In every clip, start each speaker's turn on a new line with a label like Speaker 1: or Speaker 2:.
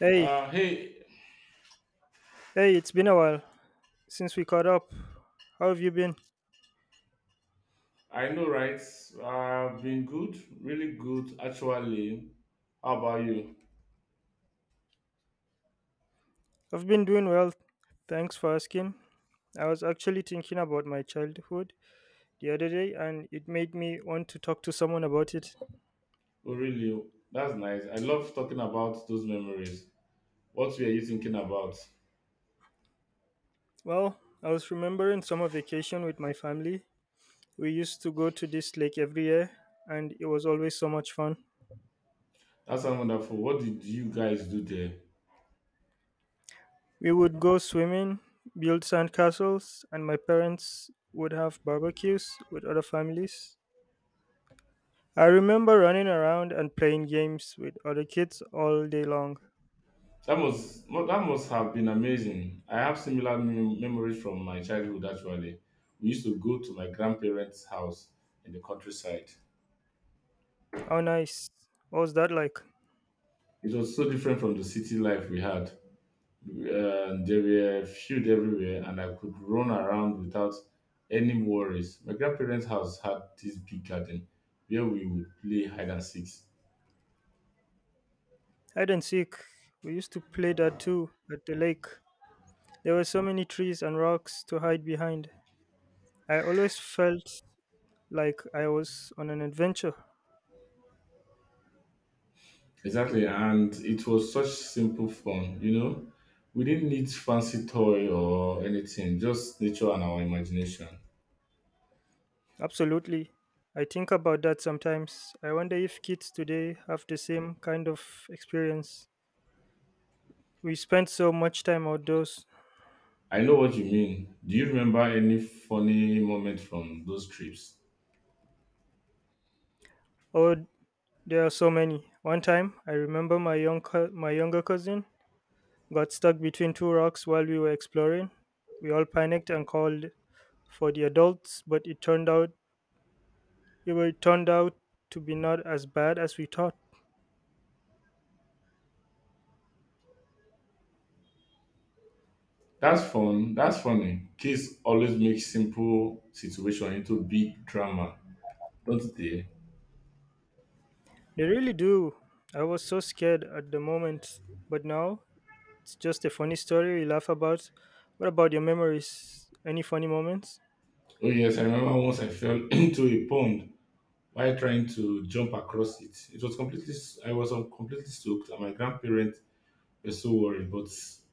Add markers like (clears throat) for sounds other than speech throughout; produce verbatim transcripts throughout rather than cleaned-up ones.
Speaker 1: Hey,
Speaker 2: Uh, hey,
Speaker 1: hey, it's been a while since we caught up. How have you been?
Speaker 2: I know, right? I've been good, really good, actually. How about you?
Speaker 1: I've been doing well. Thanks for asking. I was actually thinking about my childhood the other day and it made me want to talk to someone about it.
Speaker 2: Oh, really? That's nice. I love talking about those memories. What were you thinking about?
Speaker 1: Well, I was remembering summer vacation with my family. We used to go to this lake every year and it was always so much fun.
Speaker 2: That sounds wonderful. What did you guys do there?
Speaker 1: We would go swimming, build sandcastles, and my parents would have barbecues with other families. I remember running around and playing games with other kids all day long.
Speaker 2: That must mu- that must have been amazing. I have similar mem- memories from my childhood. Actually, we used to go to my grandparents' house in the countryside.
Speaker 1: How nice. What was that like?
Speaker 2: It was so different from the city life we had. Uh, there were fields everywhere, and I could run around without any worries. My grandparents' house had this big garden where we would play hide and seek.
Speaker 1: Hide and seek. We used to play that too at the lake. There were so many trees and rocks to hide behind. I always felt like I was on an adventure.
Speaker 2: Exactly, and it was such simple fun, you know. We didn't need fancy toy or anything, just nature and our imagination.
Speaker 1: Absolutely. I think about that sometimes. I wonder if kids today have the same kind of experience. We spent so much time outdoors.
Speaker 2: I know what you mean. Do you remember any funny moment from those trips?
Speaker 1: Or There are so many. One time, I remember my young co- my younger cousin got stuck between two rocks while we were exploring. We all panicked and called for the adults, but it turned out it wa- it turned out to be not as bad as we thought.
Speaker 2: That's fun. That's funny. Kids always make simple situation into big drama, don't they?
Speaker 1: They really do. I was so scared at the moment, but now it's just a funny story we laugh about. What about your memories? Any funny moments?
Speaker 2: Oh yes, I remember once I fell (clears throat) into a pond while trying to jump across it. It was completely s- I was um, completely soaked and my grandparents were so worried, but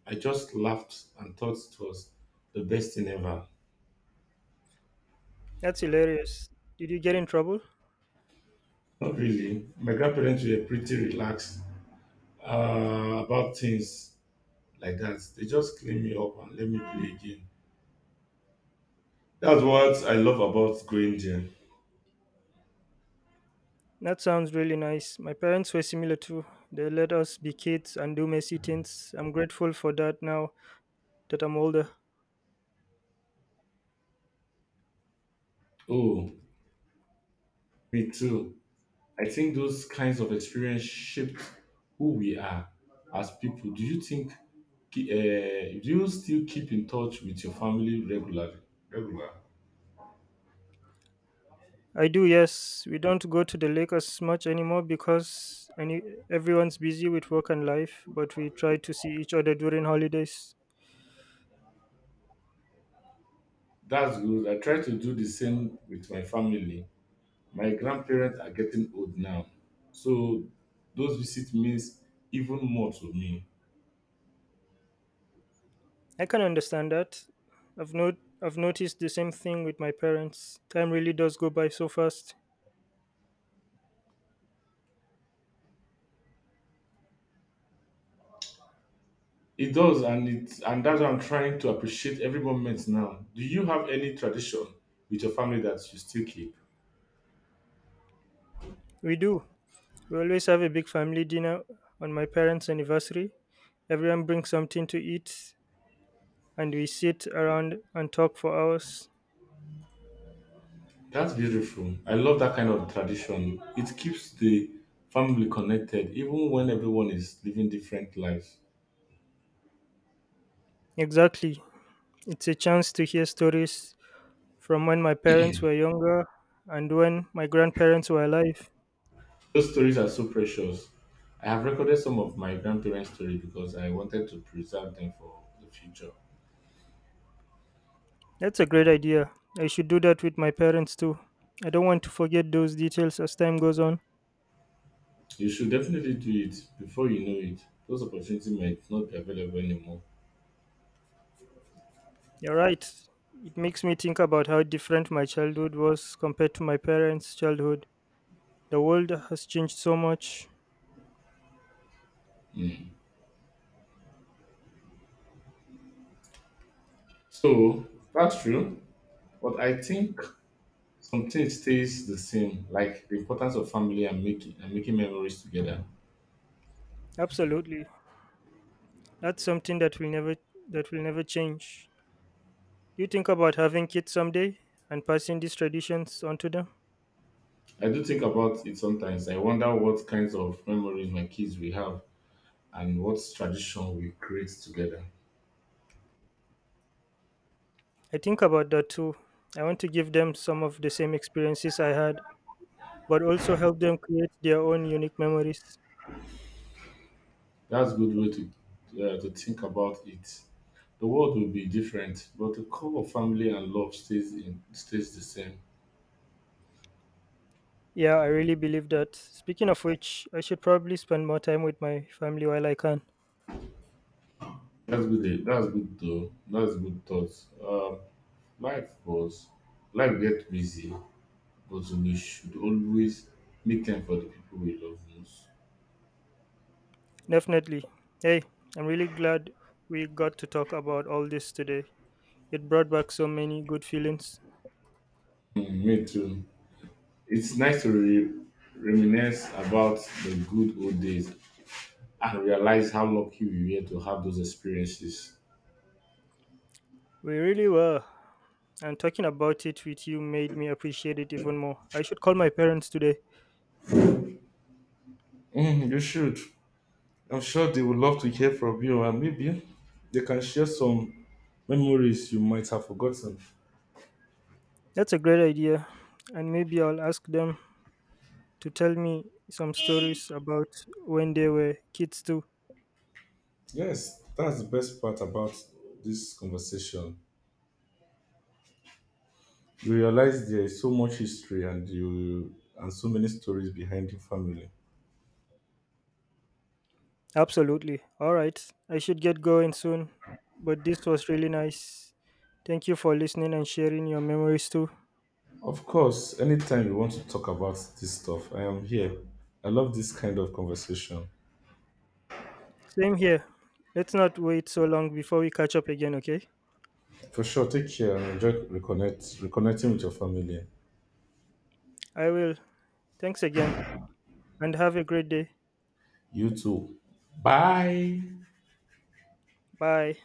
Speaker 2: I just laughed and thought it was the best thing ever.
Speaker 1: That's hilarious. Did you get in trouble?
Speaker 2: Not really. My grandparents were pretty relaxed uh, about things like that. They just cleaned me up and let me play again. That's what I love about going there.
Speaker 1: That sounds really nice. My parents were similar too. They let us be kids and do messy things. I'm grateful for that now that I'm older.
Speaker 2: Oh, me too. I think those kinds of experience shaped who we are as people. Do you think? Uh, do you still keep in touch with your family regularly? Regular.
Speaker 1: I do, yes. We don't go to the lake as much anymore because any, everyone's busy with work and life, but we try to see each other during holidays.
Speaker 2: That's good. I try to do the same with my family. My grandparents are getting old now, so those visits means even more to me.
Speaker 1: I can understand that. I've not I've noticed the same thing with my parents. Time really does go by so fast.
Speaker 2: It does, and it and that's why I'm trying to appreciate every moment now. Do you have any tradition with your family that you still keep?
Speaker 1: We do. We always have a big family dinner on my parents' anniversary. Everyone brings something to eat and we sit around and talk for hours.
Speaker 2: That's beautiful. I love that kind of tradition. It keeps the family connected even when everyone is living different lives.
Speaker 1: Exactly. It's a chance to hear stories from when my parents were younger and when my grandparents were alive.
Speaker 2: Those stories are so precious. I have recorded some of my grandparents' stories because I wanted to preserve them for the future.
Speaker 1: That's a great idea. I should do that with my parents too. I don't want to forget those details as time goes on.
Speaker 2: You should definitely do it before you know it. Those opportunities might not be available anymore.
Speaker 1: You're right. It makes me think about how different my childhood was compared to my parents' childhood. The world has changed so much.
Speaker 2: Mm. So that's true. But I think something stays the same, like the importance of family and making and making memories together.
Speaker 1: Absolutely. That's something that will never that will never change. Do you think about having kids someday and passing these traditions on to them?
Speaker 2: I do think about it sometimes. I wonder what kinds of memories my kids will have and what tradition we create together.
Speaker 1: I think about that too. I want to give them some of the same experiences I had, but also help them create their own unique memories.
Speaker 2: That's a good way to, uh, to think about it. The world will be different, but the core of family and love stays in stays the same.
Speaker 1: Yeah, I really believe that. Speaking of which, I should probably spend more time with my family while I can.
Speaker 2: That's good. Eh? That's good though. That's good thoughts. Um, life was Life get busy, but we should always make time for the people we love most.
Speaker 1: Definitely. Hey, I'm really glad we got to talk about all this today. It brought back so many good feelings.
Speaker 2: Mm, me too. It's nice to re- reminisce about the good old days and realize how lucky we were to have those experiences.
Speaker 1: We really were. And talking about it with you made me appreciate it even more. I should call my parents today.
Speaker 2: Mm, you should. I'm sure they would love to hear from you, and maybe they can share some memories you might have forgotten.
Speaker 1: That's a great idea. And maybe I'll ask them to tell me some stories about when they were kids too.
Speaker 2: Yes, that's the best part about this conversation. You realize there is so much history and you and so many stories behind your family.
Speaker 1: Absolutely. All right. I should get going soon. But this was really nice. Thank you for listening and sharing your memories too.
Speaker 2: Of course, anytime you want to talk about this stuff, I am here. I love this kind of conversation.
Speaker 1: Same here. Let's not wait so long before we catch up again, okay?
Speaker 2: For sure, take care and enjoy reconnect, reconnecting with your family.
Speaker 1: I will. Thanks again and have a great day.
Speaker 2: You too. Bye.
Speaker 1: Bye.